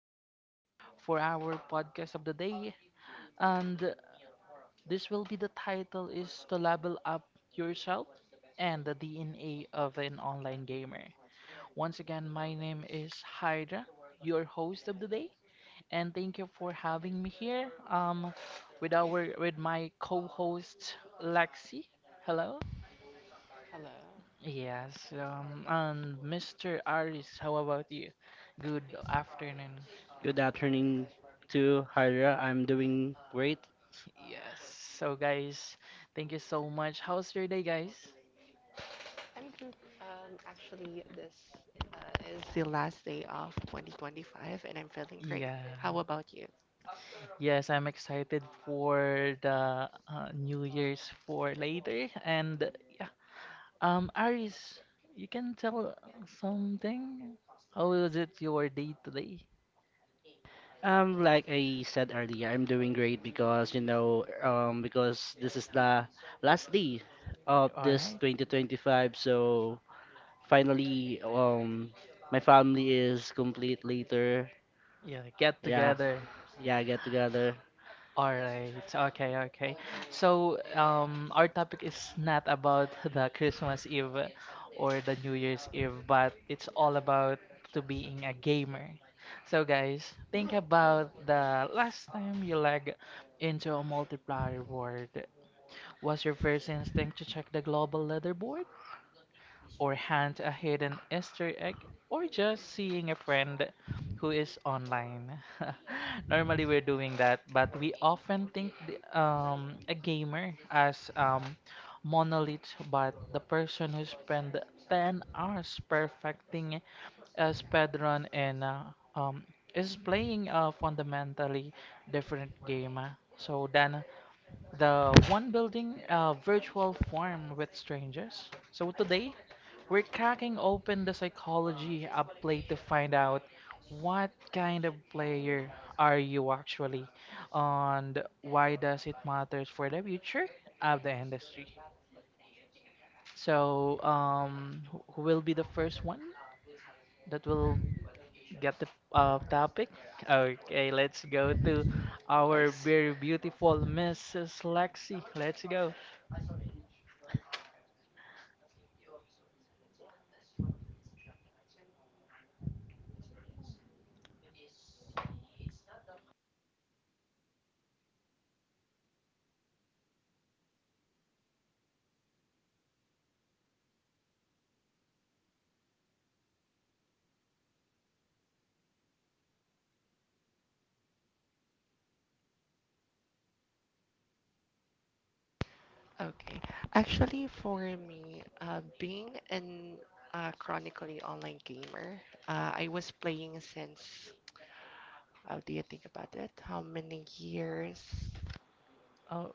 4 for our podcast of the day. And this will be the title is to level up yourself and the DNA of an online gamer. Once again, my name is Hydra, your host of the day, and thank you for having me here with my co-host Lexi. Hello. Hello, Yes, and Mr. Aris, how about you? Good afternoon. Good afternoon to Hydra. I'm doing great. Yes, so guys, thank you so much. How's your day, guys? I'm good. Actually, this is the last day of 2025, and I'm feeling great. Yeah. How about you? Yes, I'm excited for the New Year's for later. And yeah, Aris, you can tell something? How was it your day today? All right. Like I said earlier, I'm doing great because this is the last day of this 2025. So finally, my family is complete later. Yeah, get Yeah, together. yeah, get together. All right. Okay, okay. So, our topic is not about the Christmas Eve or the New Year's Eve, but it's all about to being a gamer. So, guys, think about the last time you lag into a multiplier world. Was your first instinct to check the global leaderboard, or hunt a hidden Easter egg, or just seeing a friend who is online? Normally, we're doing that, but we often think a gamer as monolith, but the person who spent 10 hours perfecting a speedrun and um, is playing a fundamentally different game. So, Dan, the one building a virtual farm with strangers. So today, we're cracking open the psychology of play to find out what kind of player are you actually and why does it matters for the future of the industry. So, who will be the first one that will get the topic? Okay, let's go to our Thanks. very beautiful Mrs. Lexi. Let's go. Okay. Actually, for me, being an chronically online gamer, I was playing since, how do you think about it? How many years? Oh.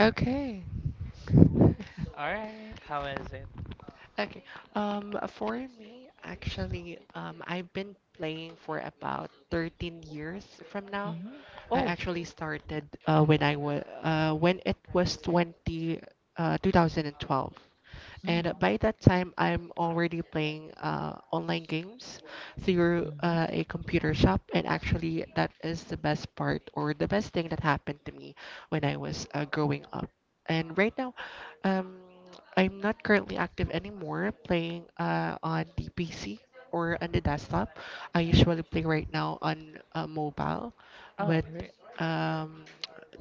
Okay. All right, how is it? Okay. For me, actually, I've been playing for about 13 years from now. Mm-hmm. I Oh. actually started when it was 20 uh, 2012. And Mm. By that time, I'm already playing online games through Mm-hmm. a computer shop. And actually, that is the best part or the best thing that happened to me when I was growing up. And right now, um, I'm not currently active anymore playing on the PC or on the desktop. I usually play right now on mobile Oh, with re- um,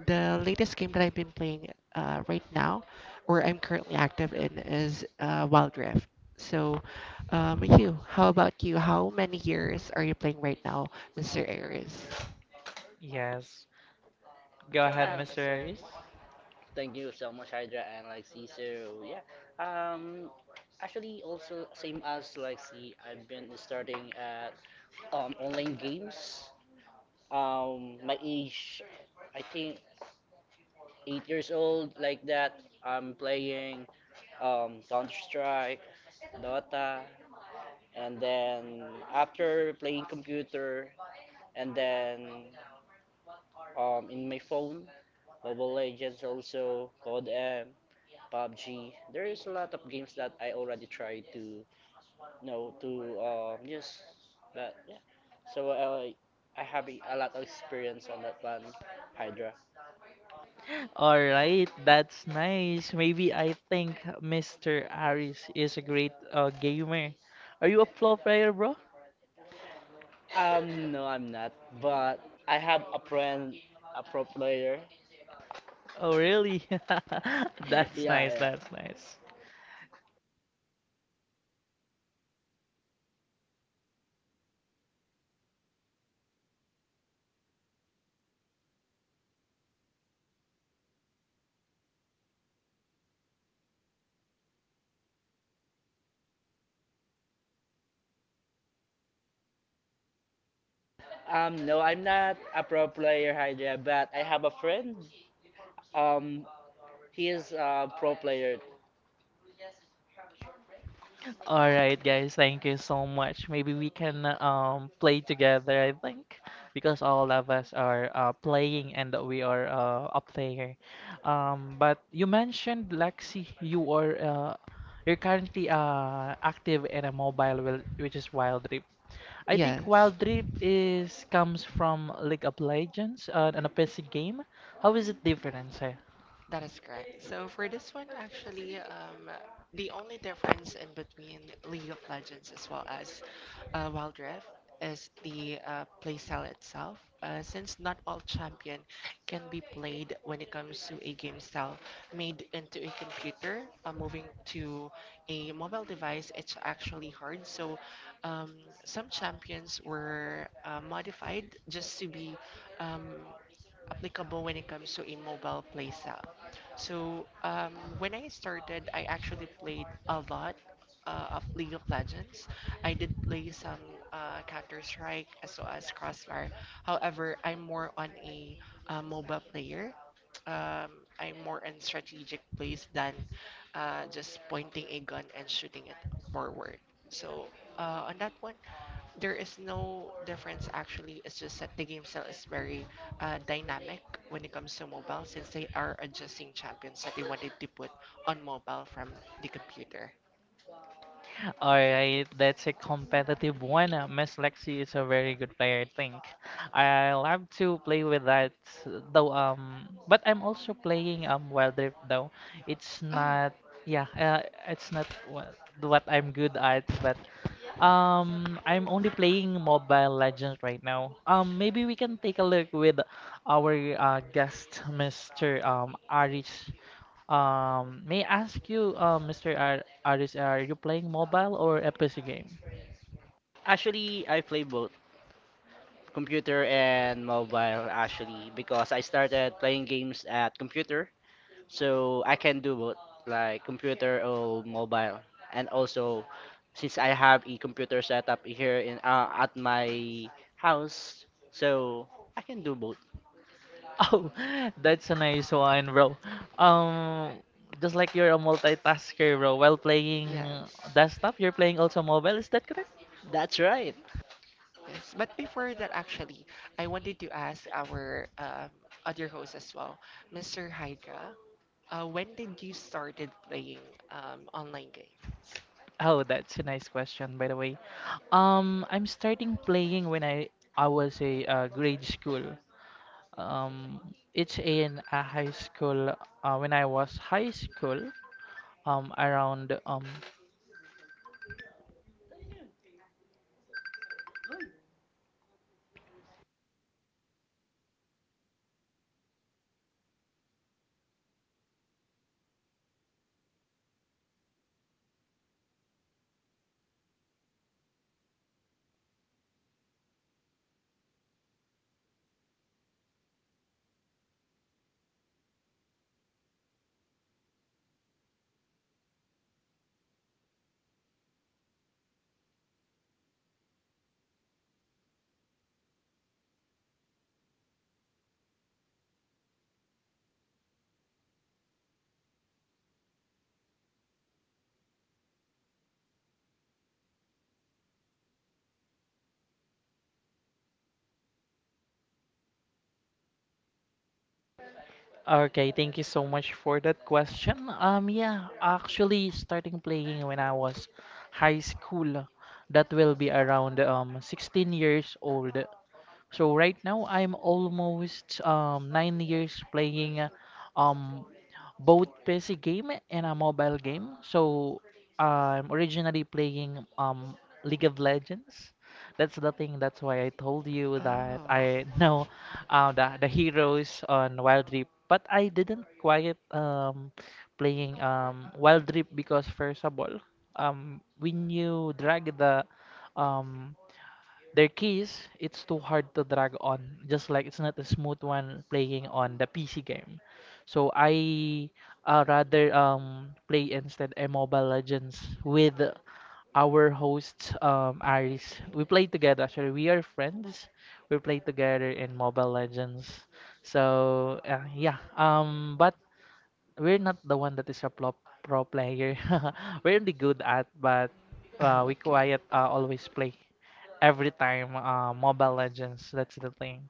the latest game that I've been playing right now or I'm currently active in is Wild Rift. So, you, how about you? How many years are you playing right now, Mr. Aries? yes. Go ahead, Mr. Aris. Thank you so much, Hydra and like Caesar. Yeah. Um, actually, also same as like see, I've been starting at online games. My age, I think 8 years old, like that. I'm playing Counter Strike, Dota, and then after playing computer, and then in my phone, Mobile Legends also, COD M. PUBG. There is a lot of games that I already tried to use. But yeah, so uh, I have a lot of experience on that one, Hydra. All right, that's nice. Maybe I think Mr. Aris is a great gamer. Are you a pro player, bro? No, I'm not. But I have a friend, a pro player. Oh, really? That's Yeah, nice. yeah. That's nice. No, I'm not a pro player, Hydra. But I have a friend. Um, he is a pro player. All right, guys, thank you so much. Maybe we can play together, I think, because all of us are playing and we are a player. But you mentioned Lexi, you are you're currently active in a which is Wild Rift. I think Yes. Wild Rift is comes from League of Legends, an a PC game. How is it different? That is correct. So for this one, actually, the only difference in between League of Legends as well as Wild Rift is the playstyle itself. Since not all champion can be played when it comes to a game style made into a computer, moving to a mobile device, it's actually hard. So um, some champions were modified just to be um, applicable when it comes to a mobile playstyle. So when I started, I actually played a lot of League of Legends. I did play some Counter Strike as well as Crossfire. However, I'm more on a MOBA player. um, I'm more in strategic place than just pointing a gun and shooting it forward. So on that one, there is no difference actually. It's just that the game style is very dynamic when it comes to mobile since they are adjusting champions that they wanted to put on mobile from the computer. Alright, that's a competitive one. Miss Lexi is a very good player, I think. I love to play with that, though. But I'm also playing Wild Rift though. It's Oh, not, yeah, it's not what I'm good at, but I'm only playing Mobile Legends right now. Maybe we can take a look with our guest, Mr. Aris. May I ask you, Mr. Ar Aris, are you playing mobile or a P C game? Actually, I play both computer and mobile actually because I started playing games at computer, so I can do both, like computer or mobile. And also, since I have a computer setup here in at my house, so I can do both. Oh, that's a nice one, bro. Um, just like you're a multitasker, bro. While playing yes. desktop, you're playing also mobile. Is that correct? That's right. Mm-hmm. Yes, but before that, actually, I wanted to ask our other host as well, Mr. Hydra. When did you started playing online games? Oh, that's a nice question, by the way. I'm starting playing when I was a grade school. Um, it's in a high school. When I was high school, around. Okay, thank you so much for that question. Yeah, actually starting playing when I was high school. That will be around 16 years old. So right now I'm almost 9 years playing um, both PC game and a mobile game. So I'm originally playing League of Legends. That's the thing. That's why I told you that I know the heroes on Wild Rift, but I didn't quite playing Wild Rift because first of all, when you drag the um, their keys, it's too hard to drag on, just like it's not a smooth one playing on the PC game. So I rather play instead a Mobile Legends with our host Aris. We play together actually. We are friends. We play together in Mobile Legends. So yeah. But we're not the one that is a pro player. We're only good at, but Oh, we quiet always play every time Mobile Legends. That's the thing.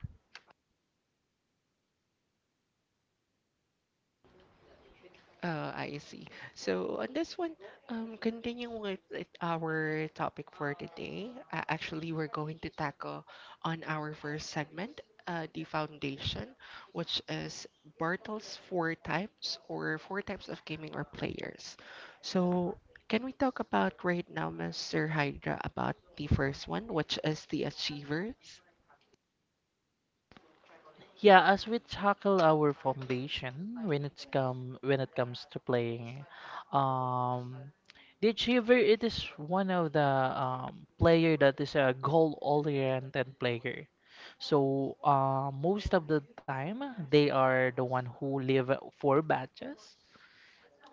I see. So on this one, continuing with our topic for today, actually we're going to tackle on our first segment, the foundation, which is Bartle's four types or four types of gaming or players. So can we talk about right now, Mr. Hydra, about the first one, which is the achievers? Yeah, as we tackle our foundation when it comes to playing, um, the Achiever it is one of the player that is a goal oriented player. So most of the time they are the one who live for batches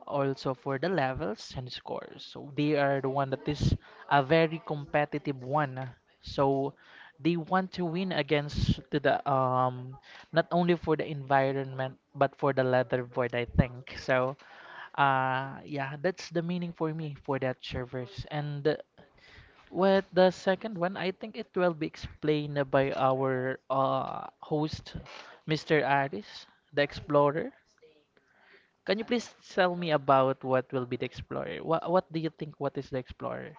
also for the levels and scores. So they are the one that is a very competitive one. So they want to win against to the not only for the environment but for the leaderboard I think. So yeah, that's the meaning for me for that servers. And with the second one, I think it will be explained by our host, Mr. Aris, the explorer. Can you please tell me about what will be the Explorer? What do you think what is the Explorer?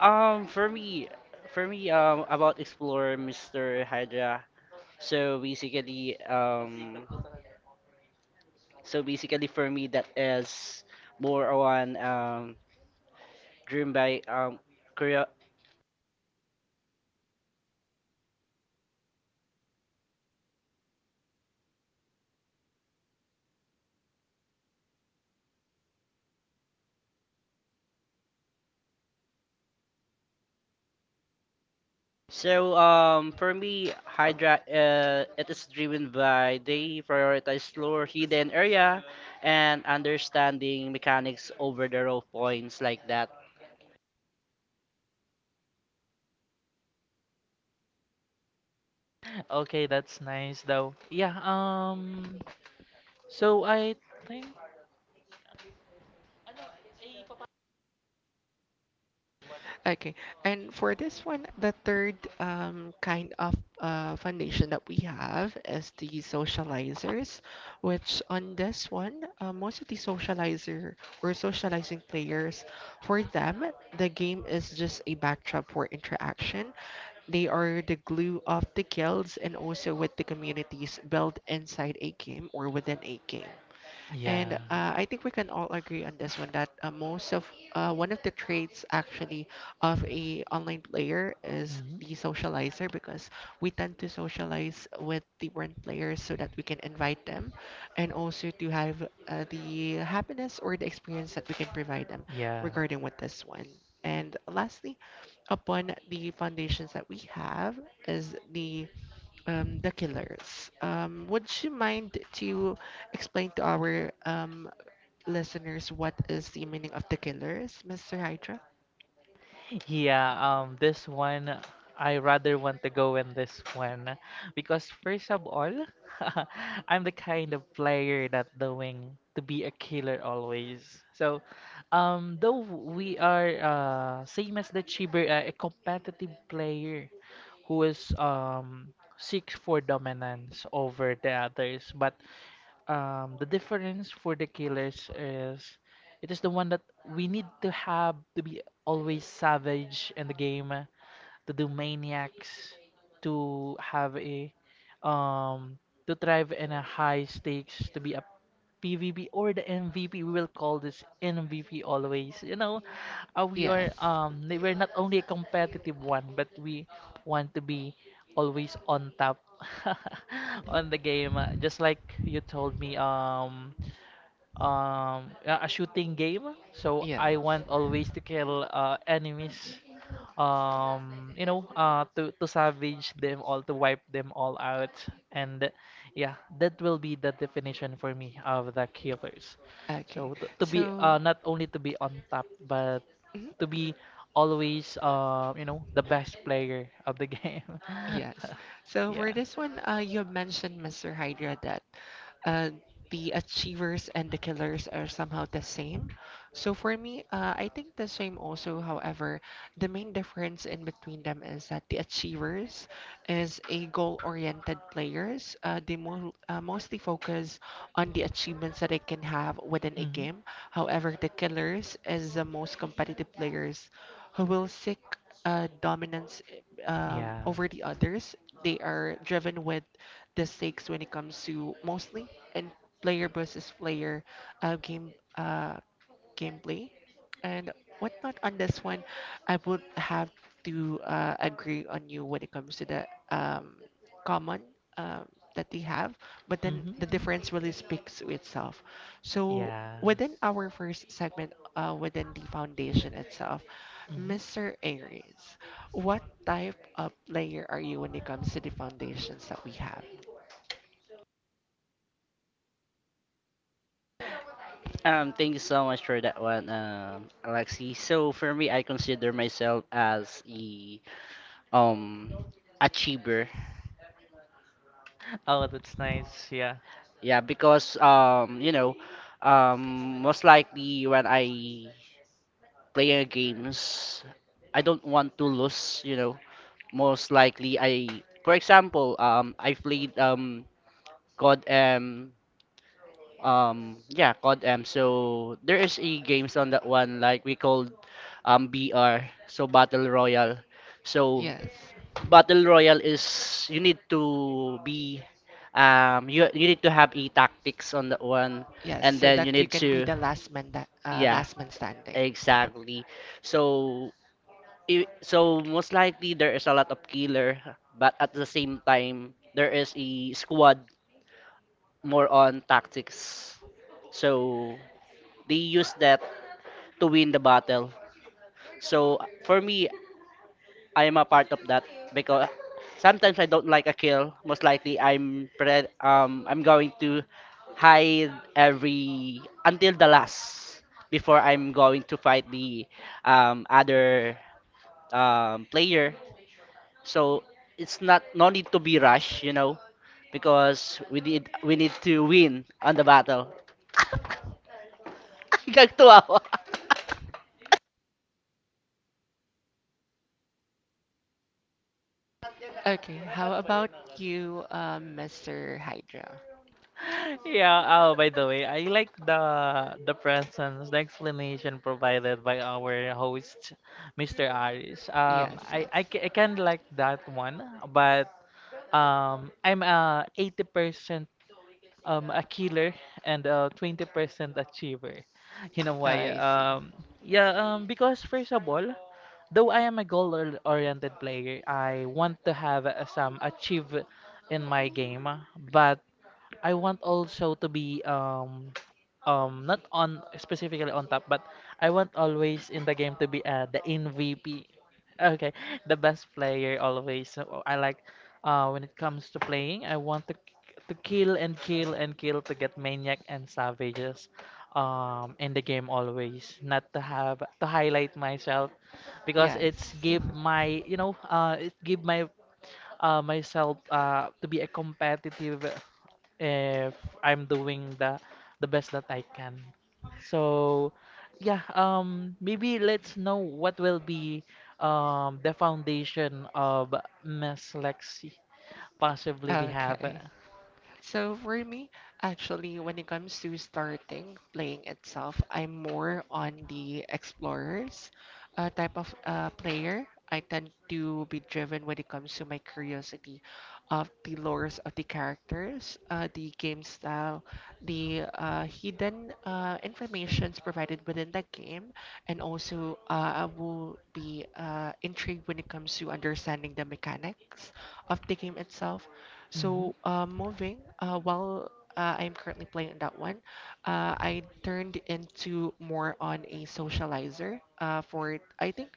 Um, for me, about explore Mr. Hydra. So basically, um, so basically for me that is more on driven by Korea. So for me, Hydra, it is driven by they prioritize slower hidden area and understanding mechanics over the raw points like that. Okay, that's nice though. Yeah, so I think Okay. And for this one, the third kind of foundation that we have is the socializers, which on this one, most of the socializer or socializing players, for them, the game is just a backdrop for interaction. They are the glue of the guilds and also with the communities built inside a game or within a game. yeah. And I think we can all agree on this one that most of one of the traits actually of a online player is Hmm. the socializer because we tend to socialize with different players so that we can invite them and also to have the happiness or the experience that we can provide them Yeah. regarding with this one. And lastly, upon the foundations that we have is the killers. Would you mind to explain to our listeners what is the meaning of the killers, Mr. Hydra? Yeah, this one I rather want to go in this one because first of all, I'm the kind of player that doing to be a killer always. So, though we are same as the Chiber, a competitive player who is seeks for dominance over the others, but the difference for the killers is it is the one that we need to have to be always savage in the game, to do maniacs, to have a um to thrive in a high stakes, to be a PvP or the MVP. We will call this MVP always. You know, we are Yes. We're not only a competitive one, but we want to be always on top on the game. Just like you told me, a shooting game so Yes. I want always to kill enemies you know to savage them all to wipe them all out and yeah that will be the definition for me of the killers Okay. so to be So, not only to be on top but mhm. to be always you know the best player of the game. Yes. So for Yeah. this one, you mentioned, Mr. Hydra, that uh, the achievers and the killers are somehow the same. So for me, I think the same also. However, the main difference in between them is that the achievers is a goal-oriented players. Mostly focus on the achievements that they can have within a Hmm. game. However, the killers is the most competitive players who will seek dominance Yeah. over the others. They are driven with the stakes when it comes to mostly and player versus player game. Gameplay and whatnot. On this one, I would have to agree on you when it comes to the common um, that they have, but then Hmm. the difference really speaks to itself. So Yeah. within our first segment, within the foundation itself, Hmm. Mr. Aries, what type of player are you when it comes to the foundations that we have? Thank you so much for that one, Alexi. So for me, I consider myself as a um achiever. Oh, that's nice. Yeah. Yeah, because you know, most likely when I player games, I don't want to lose, you know. Most likely I for example, I played CODM. Yeah, CODM. So there is e games on that one like we called BR, so Battle Royale. So Yes, Battle Royale is you need to be you need to have e tactics on that one yes, and so then you that you need can be to. the last man that Yeah, last man standing. exactly. So so most likely there is a lot of killer, but at the same time there is a squad more on tactics. So they use that to win the battle. So for me, I am a part of that because sometimes I don't like a kill. Most likely I'm going to hide every until the last before I'm going to fight the other player. So it's not no need to be rush, you know, because we need to win on the battle. Nagtuwa ako. Okay, how about you, Mr. Hydra? Yeah. Oh, by the way, I like the presence, the explanation provided by our host, Mr. Aris. Yes, yes. I kind of like that one, but I'm 80% a killer and a 20% achiever. You know Oh, why? I see. Yeah, because first of all, though I am a goal-oriented player, I want to have some achieve in my game, but I want also to be not on specifically on top, but I want always in the game to be the MVP. Okay, the best player always. So I like when it comes to playing, I want to kill and kill and kill to get maniac and savages in the game always not to have to highlight myself because Yes. it's give my you know it give my myself to be a competitive if I'm doing the best that I can. So yeah, maybe let's know what will be the foundation of Miss Lexi. Possibly we have Okay. So for me, actually, when it comes to starting playing itself, I'm more on the explorers type of player. I tend to be driven when it comes to my curiosity of the lores of the characters, the game style, the hidden informations provided within that game, and also I will be intrigued when it comes to understanding the mechanics of the game itself. mm-hmm, So, while I'm currently playing that one, I turned into more on a socializer for, I think,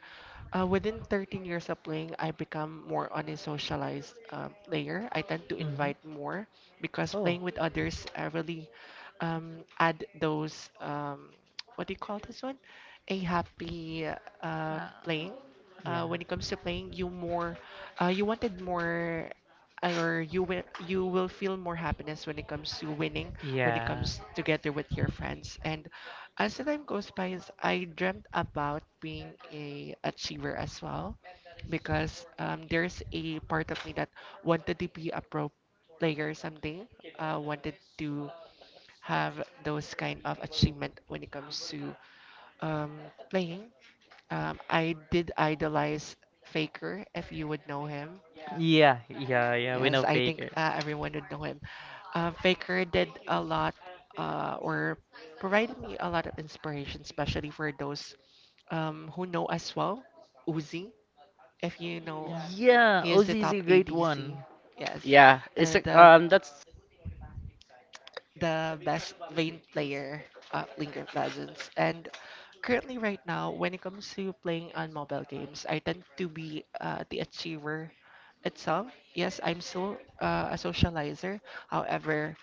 within 13 years of playing, I become more on a socialized player. I tend to mm-hmm. invite more because Oh. playing with others, I really add those, what do you call this one? A happy Uh, playing. yeah. When it comes to playing, you more, you wanted more or you will feel more happiness when it comes to winning, when it Yeah. comes together with your friends. And as the time goes by, is I dreamt about being a achiever as well because there's a part of me that wanted to be a pro player someday. Wanted to have those kind of achievement when it comes to um, playing. I did idolize Faker, if you would know him. Yeah, yeah, yeah, we Yes, know I think Faker. Everyone would know him. Faker did a lot or provided me a lot of inspiration, especially for those who know as well. Uzi, if you know, Yeah, he is the OZ is top a great ADC. one. Yes, Yeah, it's and a- that's the best Vayne player Lincoln Pleasance. And currently, right now, when it comes to playing on mobile games, I tend to be the achiever itself. Yes, I'm still a socializer. However,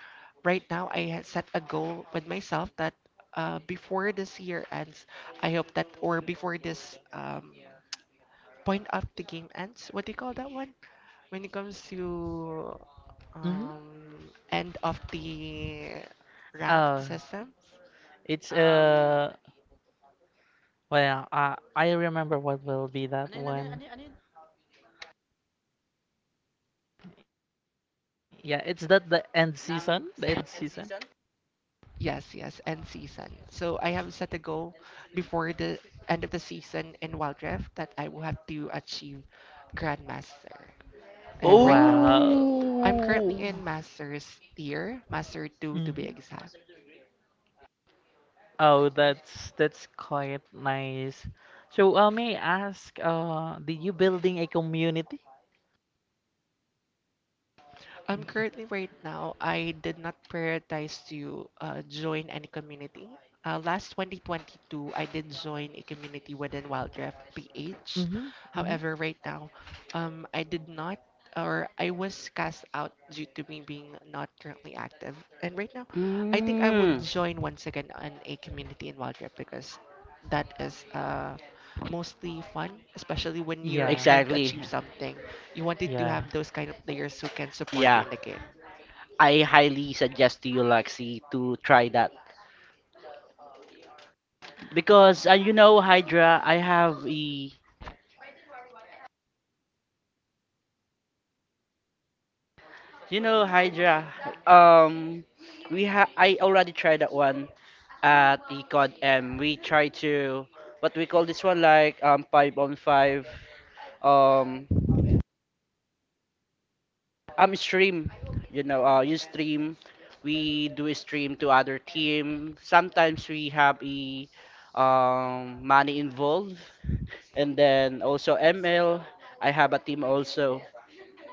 right now, I had set a goal with myself that before this year ends, I hope that, or before this point of the game ends, what do you call that one? When it comes to Mm-hmm. End of the ranked Uh, system, it's Well, I remember what will be that one. Yeah, it's that the end season? The end season? yes, yes, end season. So I have set a goal before the end of the season in Wild Rift that I will have to achieve Grandmaster. oh, And right now, Wow. I'm currently in Master's tier, Master 2 to be Mhm. exact. Oh, that's quite nice. So, may I ask, did you building a community? Currently, right now, I did not prioritize to join any community. Last 2022, I did join a community within Wildcraft PH. Mm-hmm. Mm-hmm. However, right now, I did not, or I was cast out due to me being not currently active. And right now, I think I would mm, join once again on a community in Wildcraft because that is mostly fun, especially when you're Yeah. trying to exactly. achieve something. You wanted to Yeah. have those kind of players who can support you Yeah, in the game. I highly suggest to you, Lexi, to try that because you know Hydra, I have a You know, Hydra. Um, we ha I already tried that one at Econ M. We try to what we call this one like five on five um stream. You know, you stream. We do a stream to other team. Sometimes we have a money involved, and then also ML. I have a team also.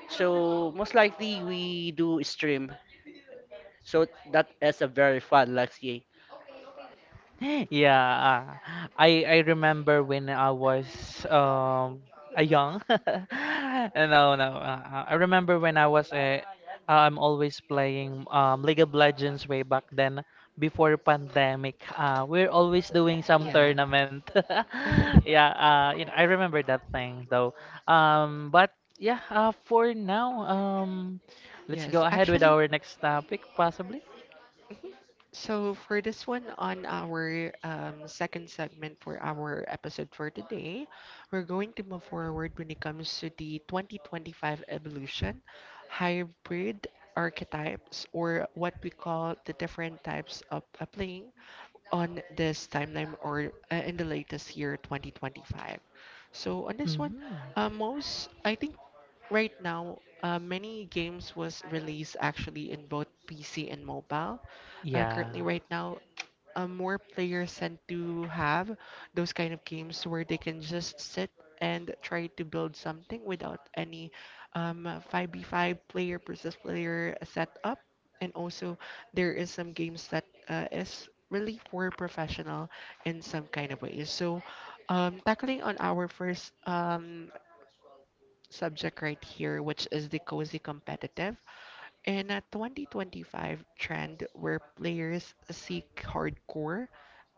So most likely we do stream. So that is a very fun, Lexi. Yeah, I remember when I was um a young. No, no. I remember when I was a I'm always playing League of Legends way back then before pandemic. We're always doing some Yeah. tournament. Yeah, you know, I remember that thing though. But yeah, for now, let's go yes, ahead with actually, our next topic possibly. so for this one on our second segment for our episode for today, we're going to move forward when it comes to the 2025 evolution, hybrid archetypes, or what we call the different types of playing on this timeline or in the latest year 2025. So on this one, Hmm. Most I think right now many games was released actually in both PC and mobile, Yeah. currently right now more players tend to have those kind of games where they can just sit and try to build something without any 5v5 player versus player setup. And also, there is some games that is really for professional in some kind of way. So, tackling on our first subject right here, which is the cozy competitive. In a 2025 trend where players seek hardcore,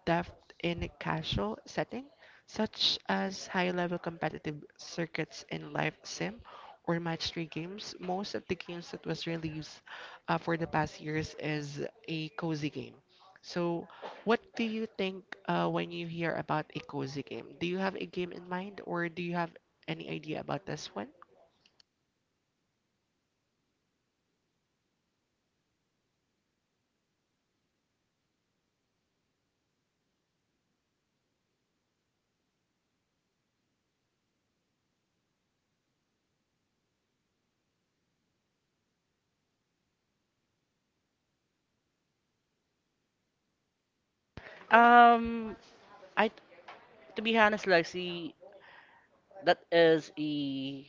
depth in casual setting, such as high-level competitive circuits in live sim or match 3 games, most of the games that was released for the past years is a cozy game. So, what do you think when you hear about a cozy game? Do you have a game in mind or do you have any idea about this one? Um, I to be honest, Lexi, that is a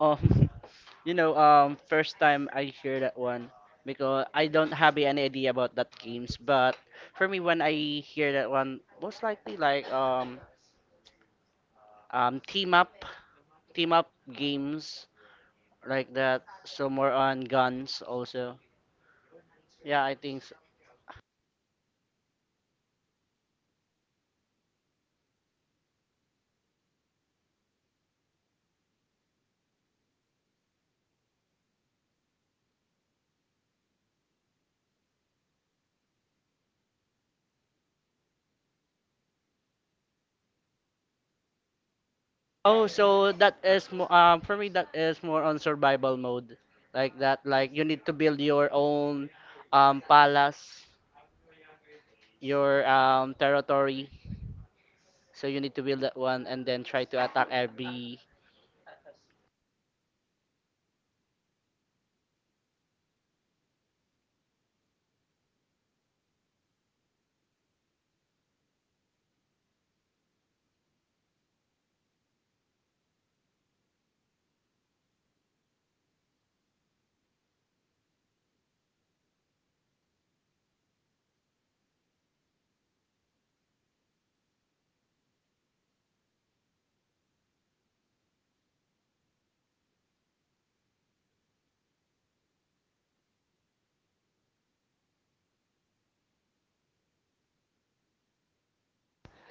um, you know, first time I hear that one because I don't have any idea about that games. But for me, when I hear that one, most likely like um, team up, team up games like that. So more on guns also. Yeah, I think so. Oh, so that is for me that is more on survival mode, like that. Like you need to build your own palace, your territory. So you need to build that one and then try to attack every.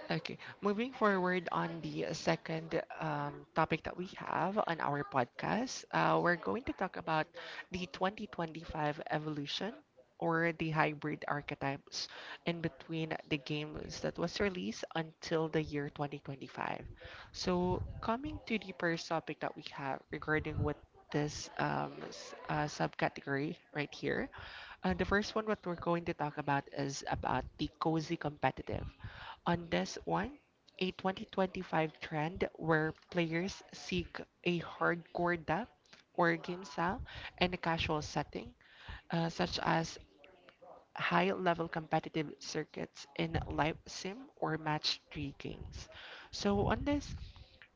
Okay, moving forward on the second topic that we have on our podcast, we're going to talk about the 2025 evolution or the hybrid archetypes in between the games that was released until the year 2025. So, coming to the first topic that we have regarding with this subcategory right here, the first one what we're going to talk about is about the cozy competitive on this one, a 2025 trend where players seek a hardcore depth or game style and a casual setting, such as high level competitive circuits in live sim or match 3 games. So, on this,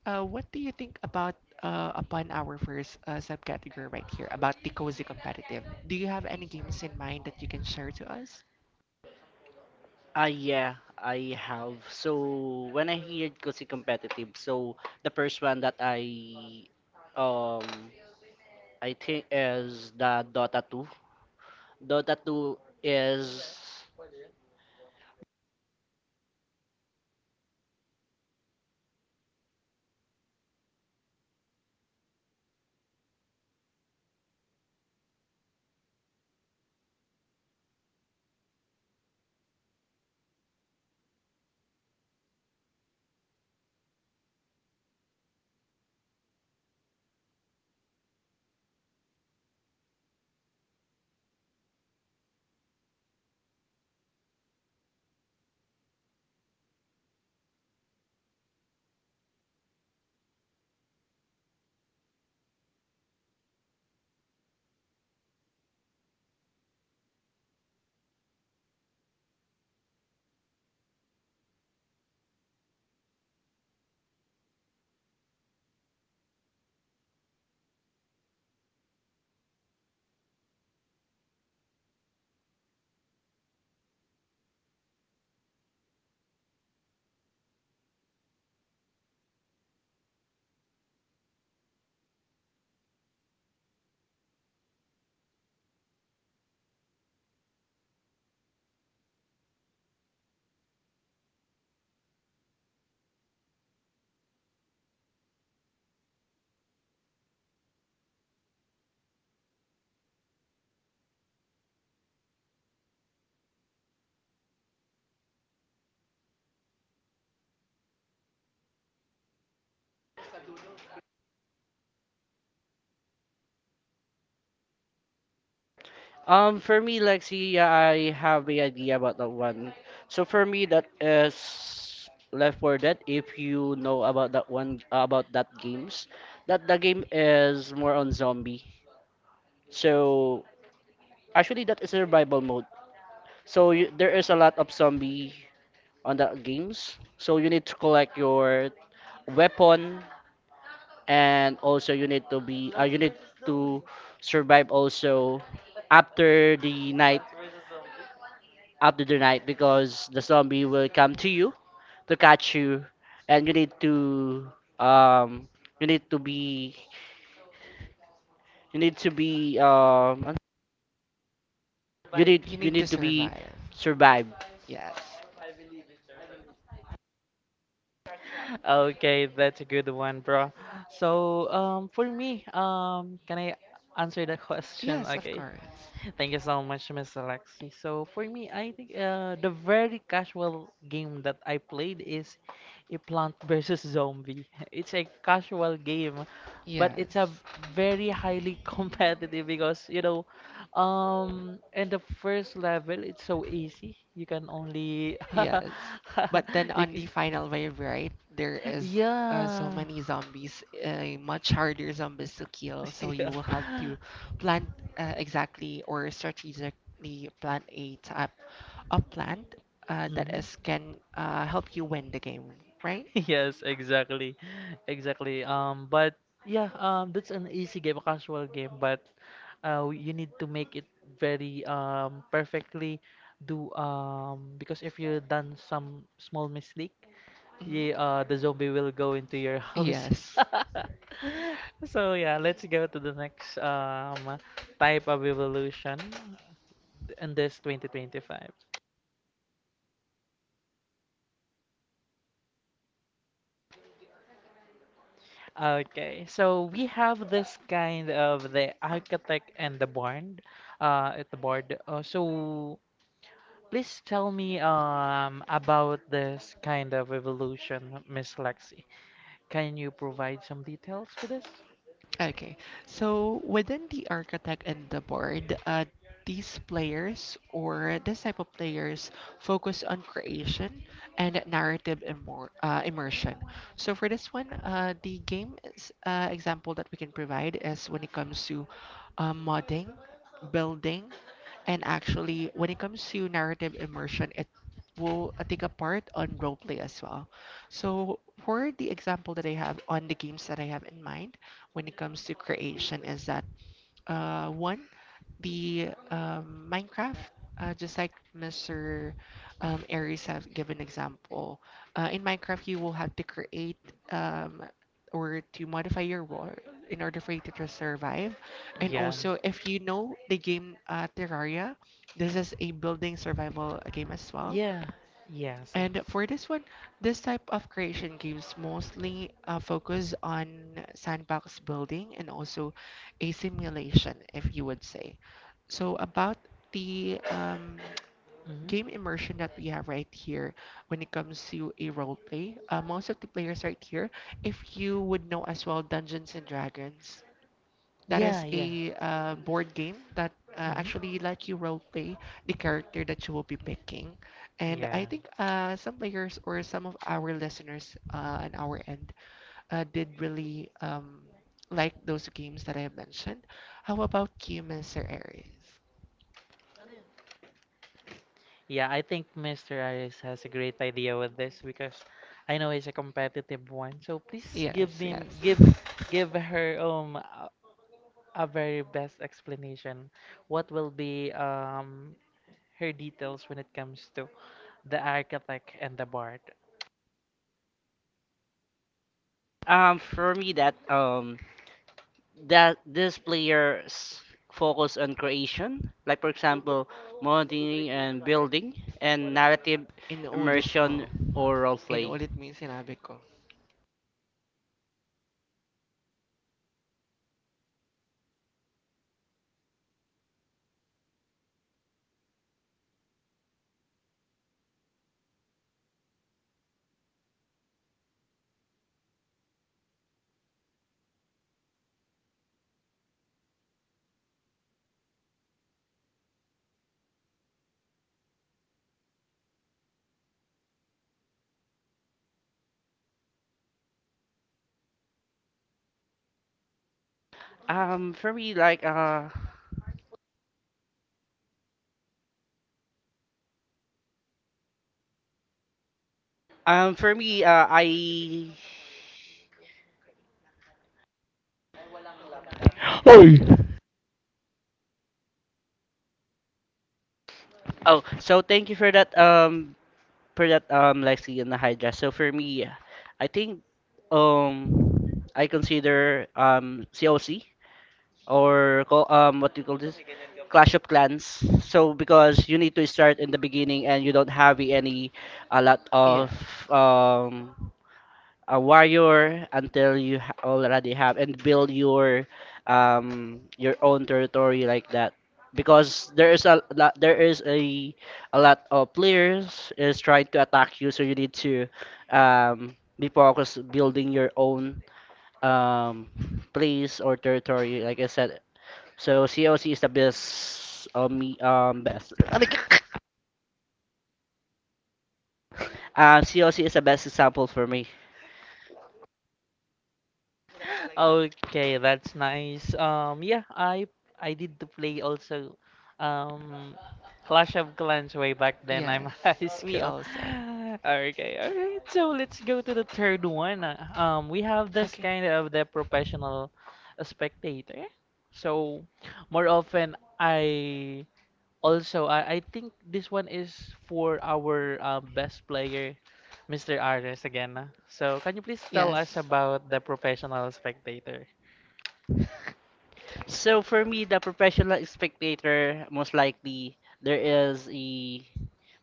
what do you think about upon our first subcategory right here about the cozy competitive? Do you have any games in mind that you can share to us? Ah yeah, I have. So when I heard kasi competitive, so the first one that um I think is the Dota 2. Dota 2 is for me, Lexi, I have a idea about that one. So for me, that is Left 4 Dead. If you know about that one, about that games, that the game is more on zombie. So actually, that is survival mode. So you, there is a lot of zombie on that games. So you need to collect your weapon, and also you need to survive also after the night because the zombie will come to you to catch you and um you need to be you need to be You you need to need to be survive. survived. Yes. Okay, that's a good one, bro. So, for me, can I answer the question? Yes, of Okay. course. Thank you so much, Miss Alexi. So, for me, I think the very casual game that I played is a plant versus zombie. It's a casual game, but it's Yes. a very highly competitive because, you know, in the first level, it's so easy. You can only Yes. But then you, on c- the final wave, right, there is so yeah. many zombies, much harder zombies to kill. So you Yeah. will have to plan exactly or strategically plan a type of plant that Hmm. is can help you win the game, right? Yes, exactly. Exactly. But yeah, that's an easy game, a casual game, but you need to make it very perfectly do because if you done some small mistake, yeah, the Hmm. zombie will go into your house. Yes. So yeah, let's go to the next type of evolution in this 2025. Okay, so we have this kind of the architect and the board, at the board. So please tell me about this kind of evolution, Miss Lexi. Can you provide some details for this? Okay. So within the architect and the board, these players or this type of players focus on creation and narrative immersion. So for this one, the game is, example that we can provide is when it comes to modding, building, and actually when it comes to narrative immersion, it will take a part on roleplay as well. So for the example that I have on the games that I have in mind, when it comes to creation is that one, the Minecraft, just like Mr. Aries have given example, in Minecraft you will have to create um, or to modify your world in order for you to just survive. And Yeah, also, if you know the game Terraria, this is a building survival game as well. yeah, yes, And yes. for this one, this type of creation games mostly focus on sandbox building and also a simulation, if you would say. So about the Hmm. game immersion that we have right here when it comes to a role play, most of the players right here, if you would know as well Dungeons and Dragons, that Yeah, is yeah. a board game that Hmm. actually let you role play the character that you will be picking. And I Yeah. think some players or some of our listeners on our end did really like those games that I have mentioned. How about you, Mr. Aries? Yeah, I think Mr. Arias has a great idea with this because I know he's a competitive one. So please give Yes, him yes. give her a very best explanation. What will be her details when it comes to the architect and the bard? For me that that this players focus on creation, like for example modeling and building and narrative Inuulit mo. immersion or role play. Inuulit mo yung sinabi ko. Um for me like for me I Oh, so thank you for that, Lexi and Hydra. So for me, I think, um, I consider COC or what do you call this? Clash of Clans. So because you need to start in the beginning and you don't have any a lot of Yes. um a warrior until you already have and build your own territory like that because there is a lot of players is trying to attack you so you need to be focused building your own um place or territory like I said. So COC is the best me best COC is the best example for me. Okay, that's nice. Yeah, I did to play also um Clash of Clans way back then. I'm Yes. high Me school. also. Okay, okay. So let's go to the third one. We have this Okay. kind of the professional spectator. So more often I Also, I think this one is for our best player, Mr. Aris again. Ah. So, can you please tell us Yes. about the professional spectator? So for me, the professional spectator, most likely there is a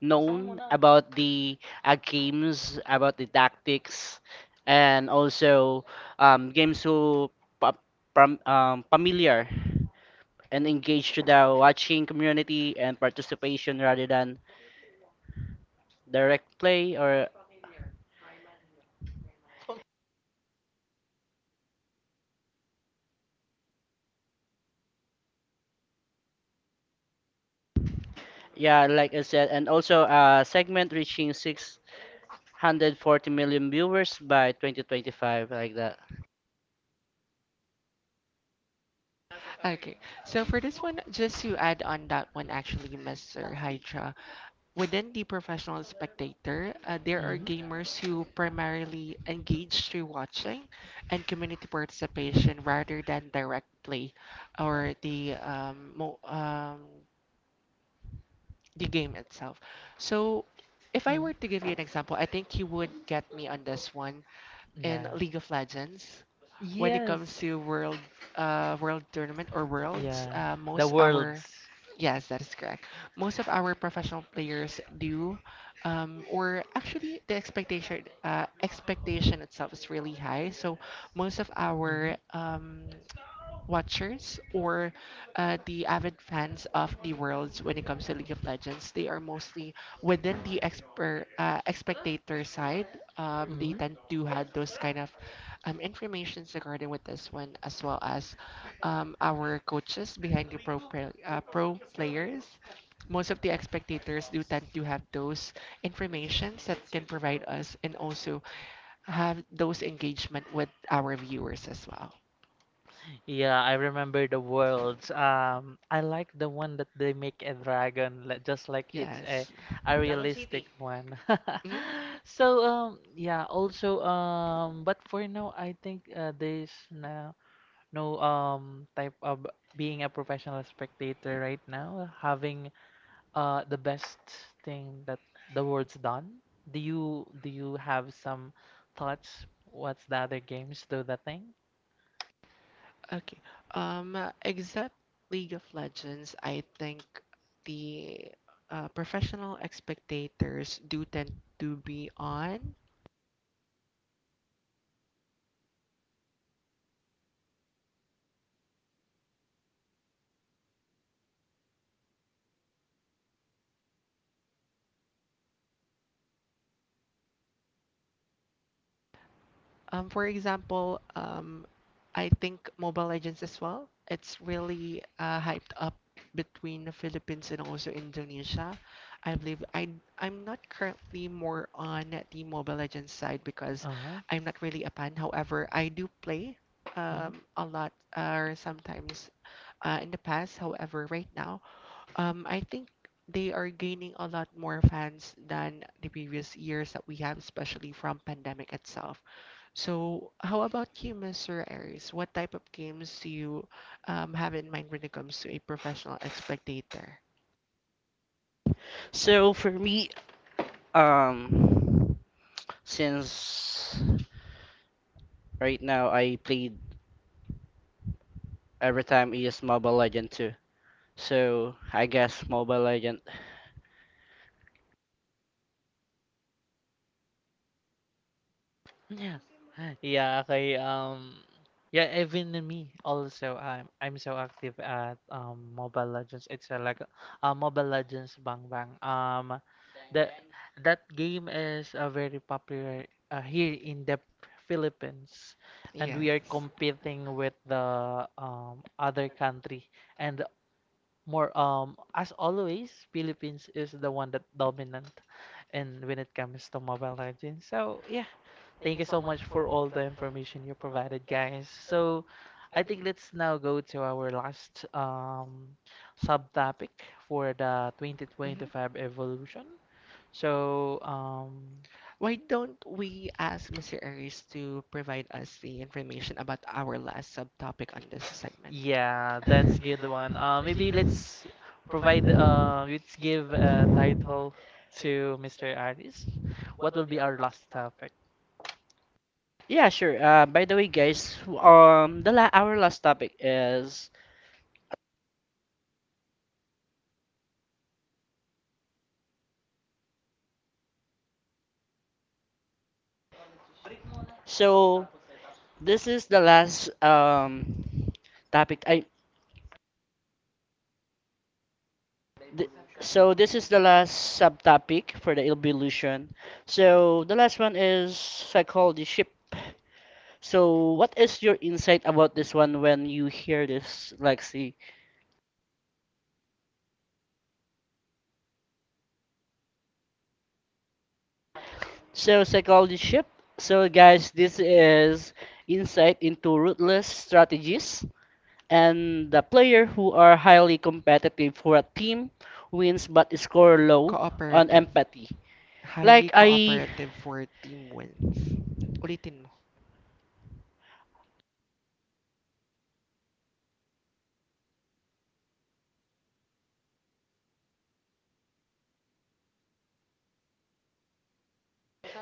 known about the games, about the tactics, and also games who pa pam familiar and engaged to the watching community and participation rather than direct play or yeah, like I said, and also a segment reaching 640 million viewers by 2025 like that. Okay. So for this one, just to add on that one, actually, Mr. Hydra, within the professional spectator, there are Mhm. gamers who primarily engage through watching and community participation rather than direct play or the mo the game itself. So, if I Mm. were to give you an example, I think you would get me on this one. In Yeah. League of Legends. When it comes Yes. to world tournament or worlds, Yeah. The most our worlds. yes, that is correct. Most of our professional players do, or actually the expectation itself is really high. So most of our watchers or the avid fans of the worlds when it comes to League of Legends. They are mostly within the expert spectator side. They Mm-hmm. tend to have those kind of informations regarding with this one, as well as our coaches behind the pro players. Most of the spectators do tend to have those informations that can provide us and also have those engagement with our viewers as well. Yeah, I remember the worlds. I like the one that they make a dragon, just like it's Yes. a Dragon realistic City. One. Mm-hmm. So yeah. Also but for now, I think there's no no type of being a professional spectator right now. Having the best thing that the world's done. Do you have some thoughts? What's the other games do the thing? Okay. Except League of Legends, I think the professional spectators do tend to be on. For example, I think Mobile Legends as well. It's really hyped up between the Philippines and also Indonesia. I believe I'm not currently more on the Mobile Legends side because Uh-huh. I'm not really a fan. However, I do play Mm-hmm. A lot or sometimes in the past. However, right now, I think they are gaining a lot more fans than the previous years that we have, especially from pandemic itself. So, how about you, Mr. Aries? What type of games do you have in mind when it comes to a professional spectator? So for me, Um, since right now I played, every time I use Mobile Legend 2. So I guess Mobile Legend. Yeah, okay. Yeah, even in me also. I'm so active at Mobile Legends. It's like Mobile Legends Bang Bang. That that game is very popular here in the Philippines, and we are Yes. competing with the other country and more as always Philippines is the one that dominant and when it comes to Mobile Legends. So yeah, thank you so much for all the information you provided, guys. So, I think let's now go to our last subtopic for the Mhm. 2025 evolution. So, Why don't we ask Mr. Aries to provide us the information about our last subtopic on this segment? yeah, that's good one. Maybe let's provide, let's give a title to Mr. Aris. What will be our last topic? Yeah, sure. By the way, guys, the la our last topic is so this is the last topic. I th so this is the last subtopic for the evolution. So the last one is psychology ship. So, what is your insight about this one when you hear this, Lexi? So, psychology ship. So, guys, this is insight into ruthless strategies and the player who are highly competitive for a team wins but score low on Cooperative. empathy. Highly Like I, cooperative for team wins. Ulitin mo.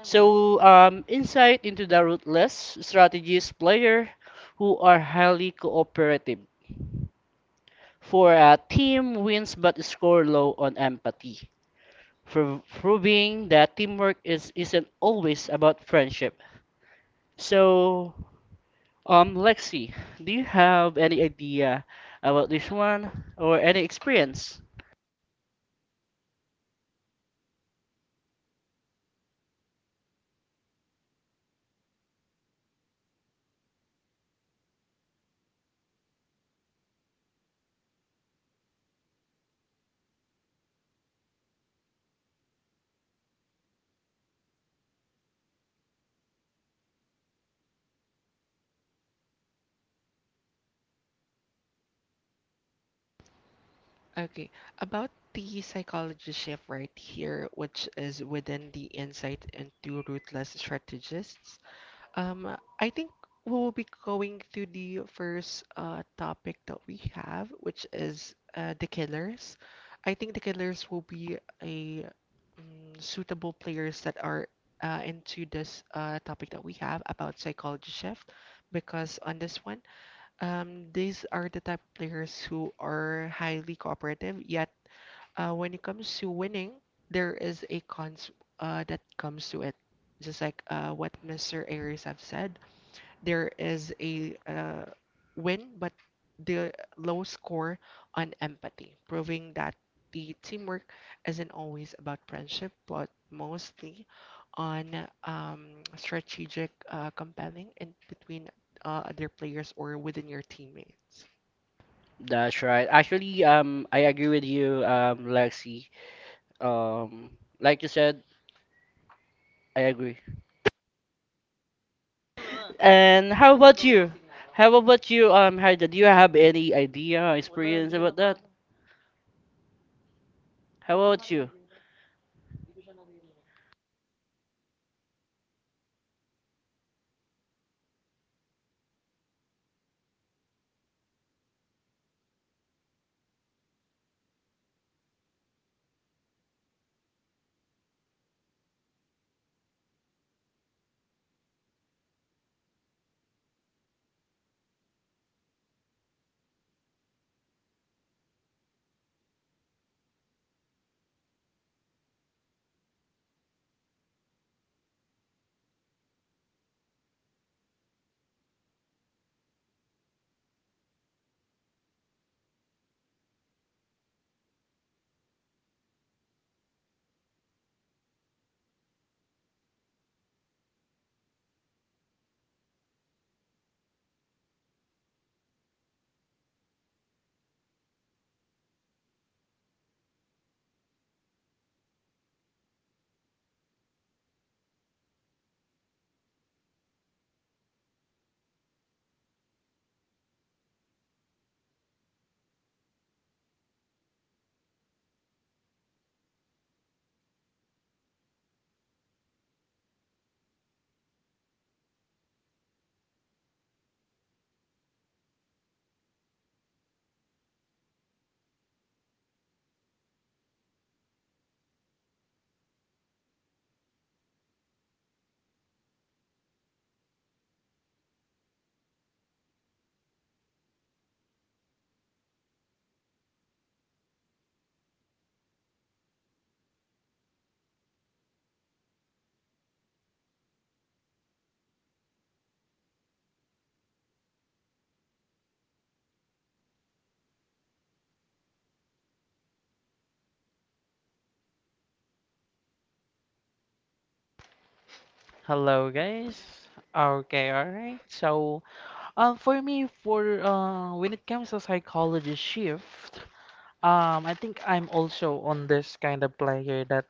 so insight into the ruthless strategies player who are highly cooperative for a team wins but score low on empathy, for proving that teamwork is isn't always about friendship. So, Lexi, do you have any idea about this one or any experience? Okay, about the psychology shift right here, which is within the insight into ruthless strategists. I think we will be going to the first topic that we have, which is the killers. I think the killers will be a suitable players that are into this topic that we have about psychology shift, because on this one. These are the type of players who are highly cooperative, yet when it comes to winning, there is a cons that comes to it. Just like what Mr. Aries have said, there is a win, but the low score on empathy, proving that the teamwork isn't always about friendship, but mostly on strategic compelling in between other players or within your teammates. That's right. Actually, I agree with you, Lexi. Um, like you said, I agree. And how about you? Haida? Do you have any idea, experience about that? How about you? Hello, guys. Hello guys. Okay, all right. So, for me, for when it comes to psychology shift, I think I'm also on this kind of player that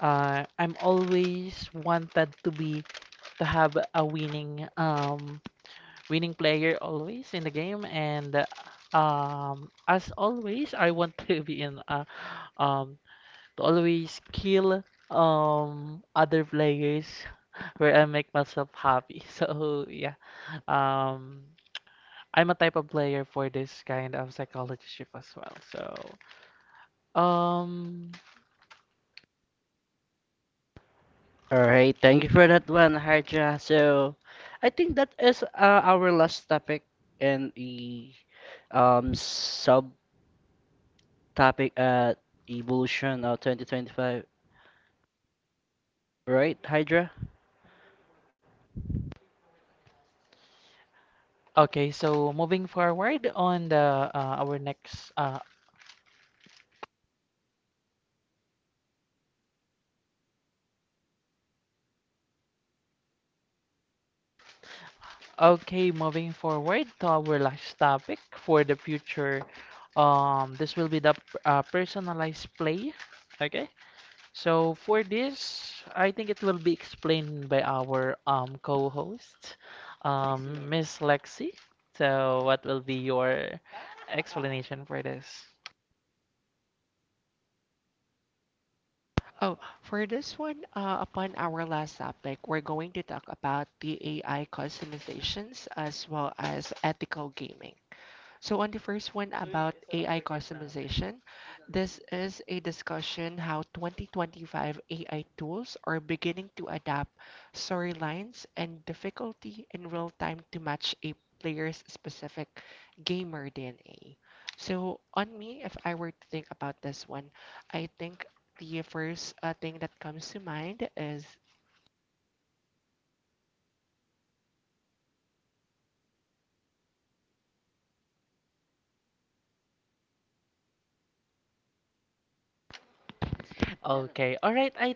I'm always wanted to be to have a winning winning player always in the game, and as always, I want to be in a um to always kill other players where I make myself happy. So yeah, um, I'm a type of player for this kind of psychology shift as well. So um, All right, thank you for that one, Harja. So, I think that is our last topic and the subtopic at evolution of 2025, right, Hydra? okay, so moving forward on the our next okay, moving forward to our last topic for the future. This will be the personalized play. Okay. So for this, I think it will be explained by our co-host, Miss Lexi. So what will be your explanation for this? Oh, for this one, upon our last topic, we're going to talk about the AI customizations as well as ethical gaming. So, on the first one about AI customization, this is a discussion how 2025 AI tools are beginning to adapt storylines and difficulty in real time to match a player's specific gamer DNA. So, on me, if I were to think about this one, I think the first thing that comes to mind Okay. All right. I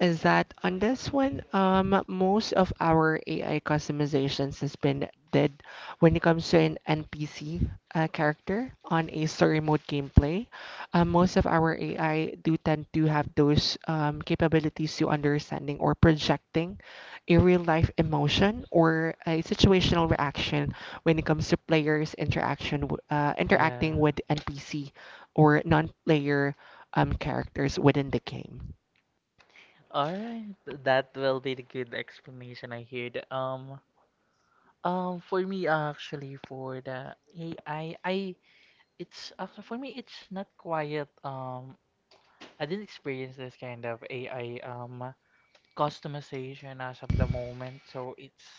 is that on this one, most of our AI customizations has been did when it comes to an NPC character on a story mode gameplay. Most of our AI do tend to have those capabilities to understanding or projecting a real life emotion or a situational reaction when it comes to players' yeah. interacting with NPC or non-player characters within the game. All right. That will be the good explanation I heard. For me actually for the AI I it's actually for me it's not quiet I didn't experience this kind of AI customization as of the moment. So it's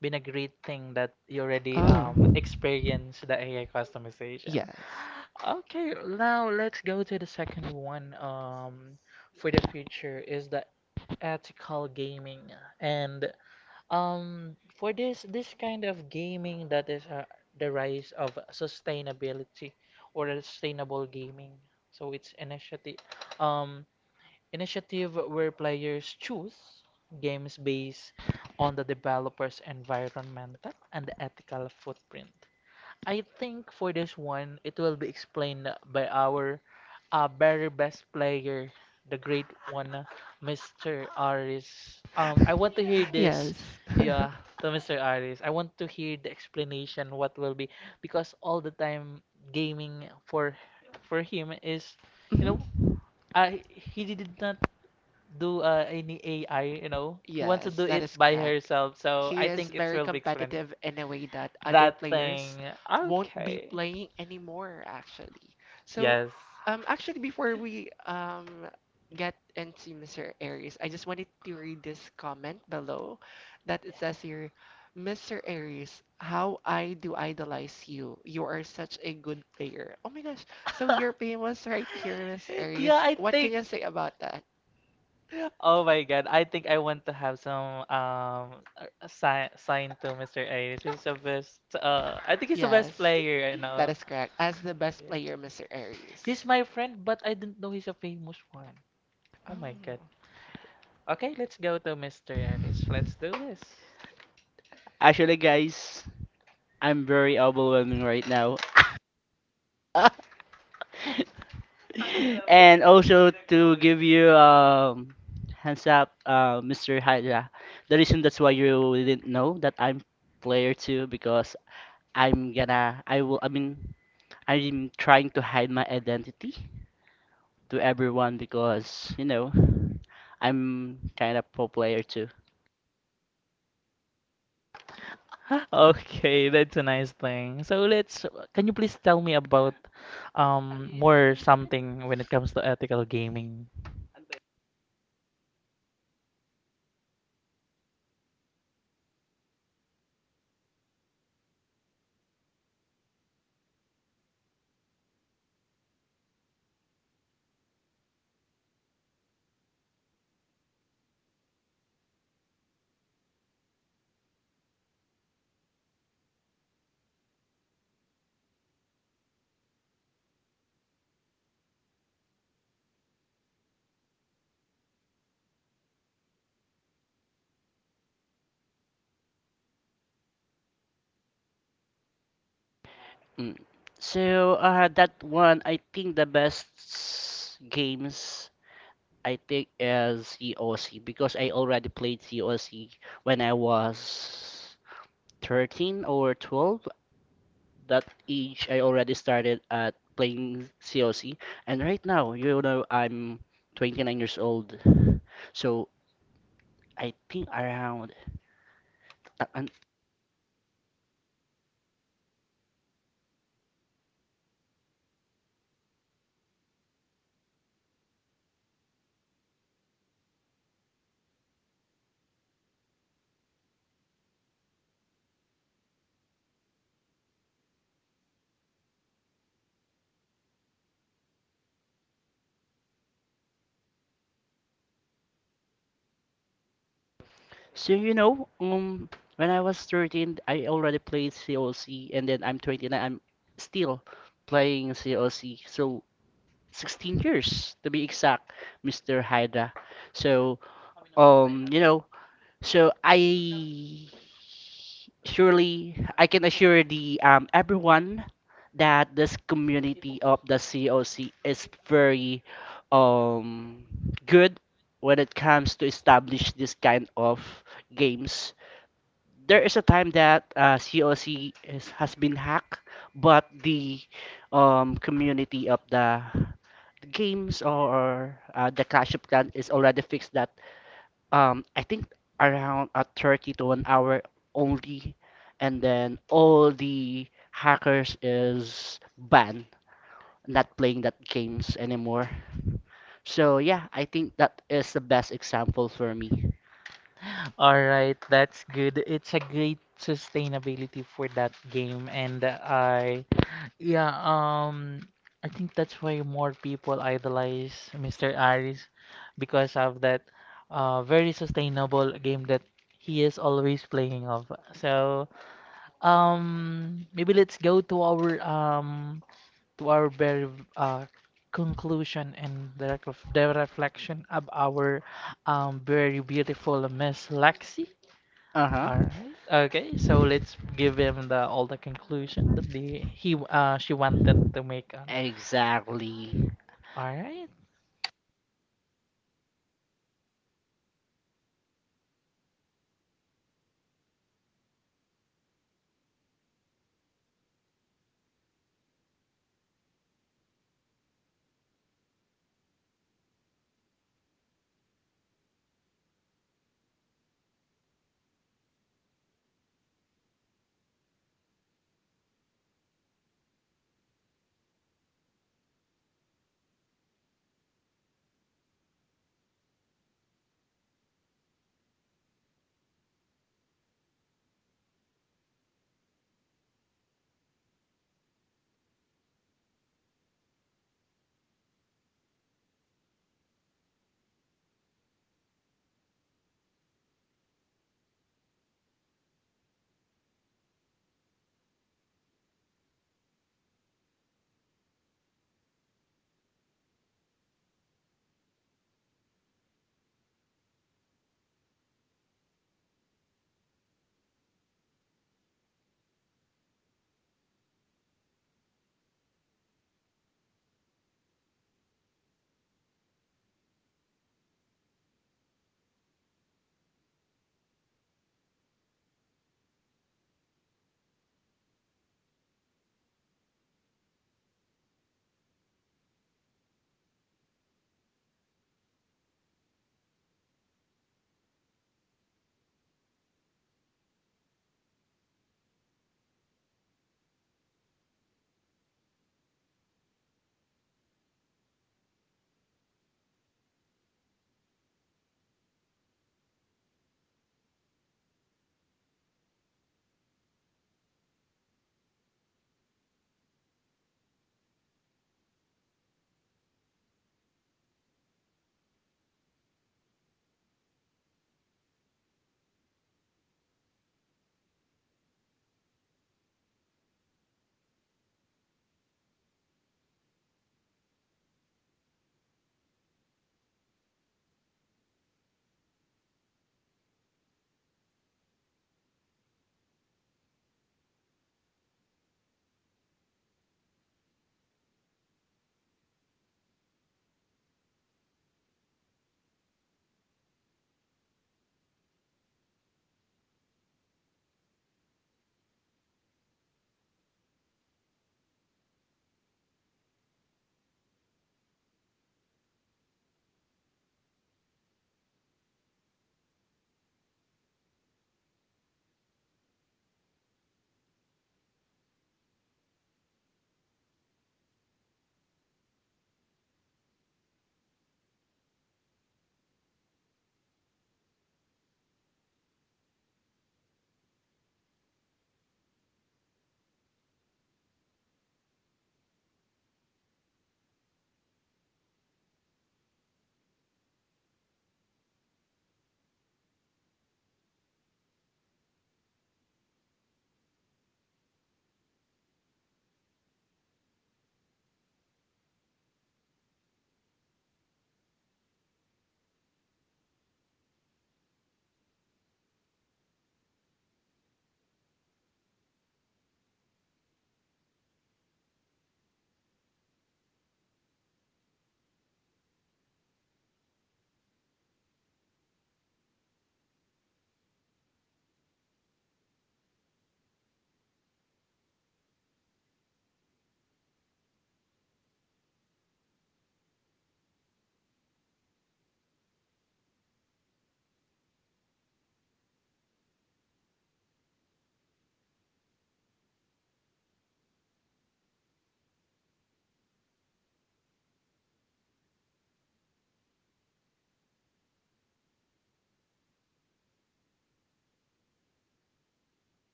been a great thing that you already Oh. experienced the AI customization. Yes. Okay, now let's go to the second one for the future is the ethical gaming and for this this kind of gaming that is the rise of sustainability or sustainable gaming. So it's initiative um initiative where players choose games based on the developer's environmental and ethical footprint. I think for this one, it will be explained by our very best player, the great one, Mr. Aris. I want to hear this, Yes. yeah, to Mr. Aris. I want to hear the explanation what will be because all the time gaming for him is, you know, Mhm. I he did not do any AI, you know. He wants to Yes, do that it is by correct. herself, so He I is think it's very real big friend. competitive in a way that other That players thing. won't be Okay. playing anymore, actually. So, Yes. Actually, before we get into Mr. Aries, I just wanted to read this comment below that it says here, Mr. Aries, how I do idolize you. You are such a good player. Oh my gosh. So you're famous right here, Mr. Aries. Yeah, I What think. can you say about that? Oh my God, I think I want to have some sign to Mr. Ayres. He's the best. I think he's the best Yes, player. You that know. is correct. As the best Yeah. player, Mr. Aries. He's my friend, but I didn't know he's a famous one. Oh my God. Oh, Okay, let's go to Mr. Eris. Let's do this. Actually, guys, I'm very overwhelming right now. And also to give you hands up, Mr. Hydra. The reason that's why you didn't know that I'm player two because I'm gonna I will I mean I'm trying to hide my identity to everyone because, you know, I'm kind of pro player too. Okay, that's a nice thing. So let's, can you please tell me about more something when it comes to ethical gaming? Mm. So, that one, I think the best games I think is COC because I already played COC when I was 13 or 12. That age, I already started at playing COC, and right now, you know, I'm 29 years old. So I think around. uh, and- So you know, when I was 13, I already played COC, and then I'm 29. I'm still playing COC. So 16 years to be exact, Mr. Hydra. So, you know, So I surely I can assure the everyone that this community of the COC is very um good when it comes to establish this kind of games. There is a time that COC is, has been hacked, but the community of the games or the Clash of Clans is already fixed that I think around a 30 to an hour only, and then all the hackers is banned, not playing that games anymore. So yeah, I think that is the best example for me. All right, that's good. It's a great sustainability for that game, and I, yeah, I think that's why more people idolize Mr. Aris because of that very sustainable game that he is always playing of. So maybe let's go to our very uh conclusion and the, the reflection of our very beautiful Miss Lexi. Uh-huh. All right. Okay. So let's give him the all the conclusion that the he she wanted to make on. Exactly. All right.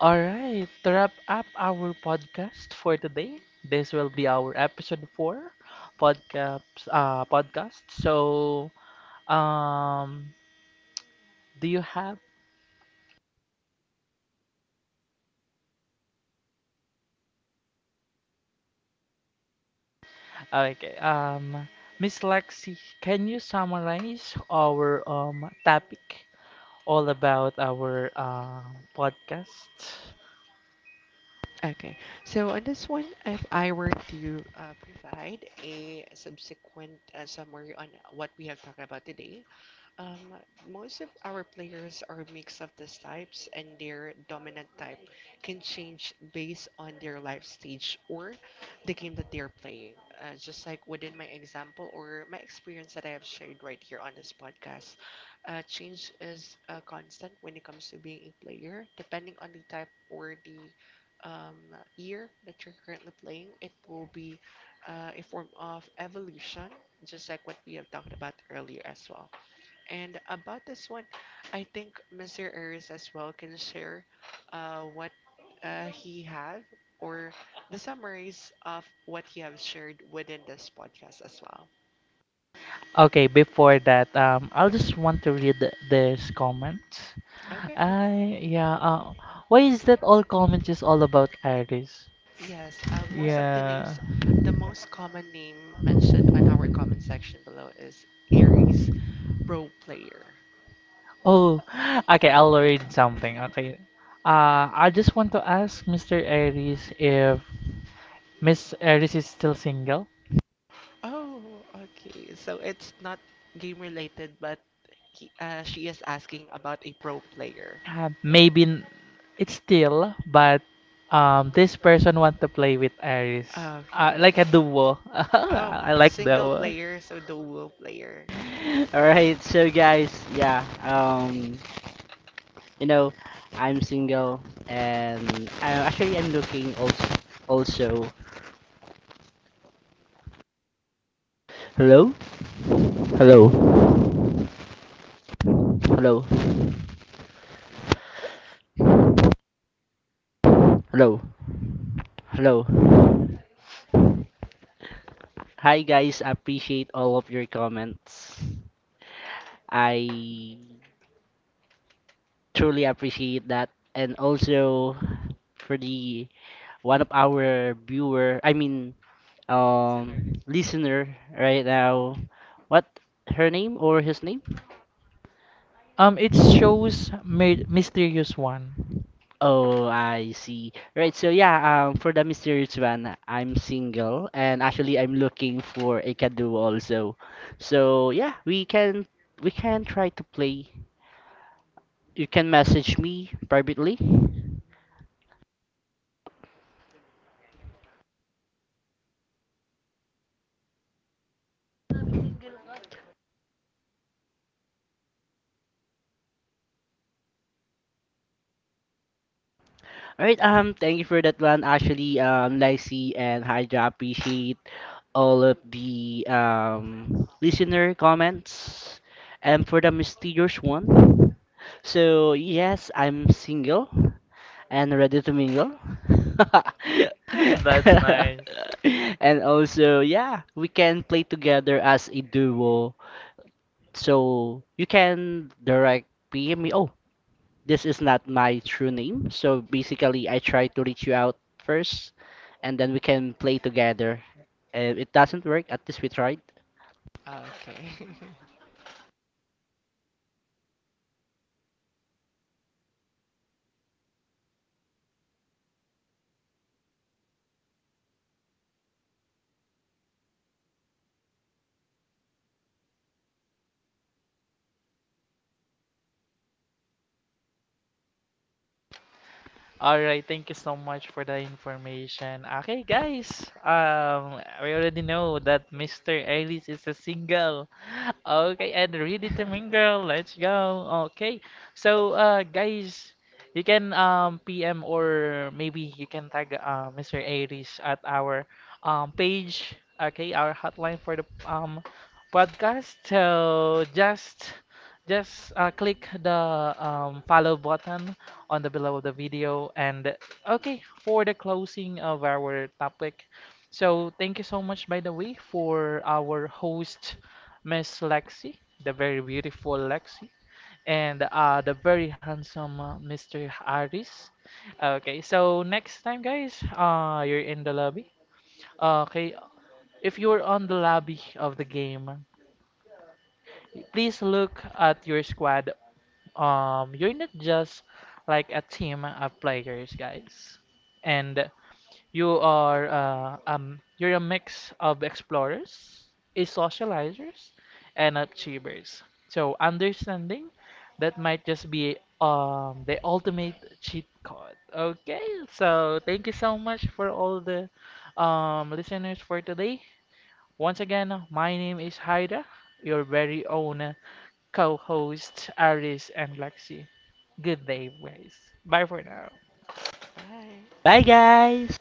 All right. To wrap up our podcast for today, this will be our episode four podcast podcast. So. Um, Do you have? Okay. Miss Lexi, can you summarize our topic all about our podcast? okay. So on this one, if I were to provide a subsequent summary on what we have talked about today, Um, most of our players are a mix of these types, and their dominant type can change based on their life stage or the game that they're playing. Just like within my example or my experience that I have shared right here on this podcast, change is constant when it comes to being a player. Depending on the type or the um, year that you're currently playing, it will be a form of evolution, just like what we have talked about earlier as well. And about this one, I think Mr. Aries as well can share what he have or the summaries of what he have shared within this podcast as well. Okay, before that, I'll just want to read this comment. Okay. I yeah. Why is that all comments is all about Iris? Yes, most of the Yeah. names, the most common name mentioned on our comment section below is Aries Pro Player. Oh, okay. I'll read something. Okay. I just want to ask Mr. Iris if Miss Iris is still single. Oh, okay. Okay, so it's not game related, but she is asking about a pro player. uh, maybe n- it's still, but this person want to play with Aries, Okay. like a duo. I like that Single one. player, so dual player. All right, so guys, you know, I'm single and actually I'm looking also also hello hello hello hello. Hello. Hi guys, I appreciate all of your comments. I truly appreciate that, and also for the one of our viewer, I mean listener right now. What her name or his name? It shows mysterious one. Oh, I see. Right, so yeah, for the mysterious one, I'm single and actually I'm looking for a cadu also. So yeah, we can try to play. You can message me privately. Alright, thank you for that one, actually, Lacey and Hydra. Appreciate all of the listener comments. And for the mysterious one, so yes, I'm single and ready to mingle. That's nice. And also, yeah, we can play together as a duo. So you can direct PM me. Oh, this is not my true name. So basically, I try to reach you out first, and then we can play together. If it doesn't work, at least we tried. Ah, okay. All right, thank you so much for the information. Okay, guys, we already know that Mr. Ellis is a single. Okay, and ready to mingle. Let's go. Okay, so guys, you can PM or maybe you can tag Mr. Ellis at our page. Okay, our hotline for the podcast. So just click the follow button on the below of the video. And okay, for the closing of our topic. So thank you so much, by the way, for our host, Miss Lexi, the very beautiful Lexi, and the very handsome Mr. Aris. Okay, so next time, guys, you're in the lobby. Okay, if you're on the lobby of the game, please look at your squad, you're not just like a team of players, guys, and you are you're a mix of explorers, a socializers, and achievers. So understanding that might just be the ultimate cheat code. Okay, so thank you so much for all the listeners for today. Once again, my name is Haida, your very own co host Aris and Lexi. Good day, guys. Bye for now. Bye. Bye, guys.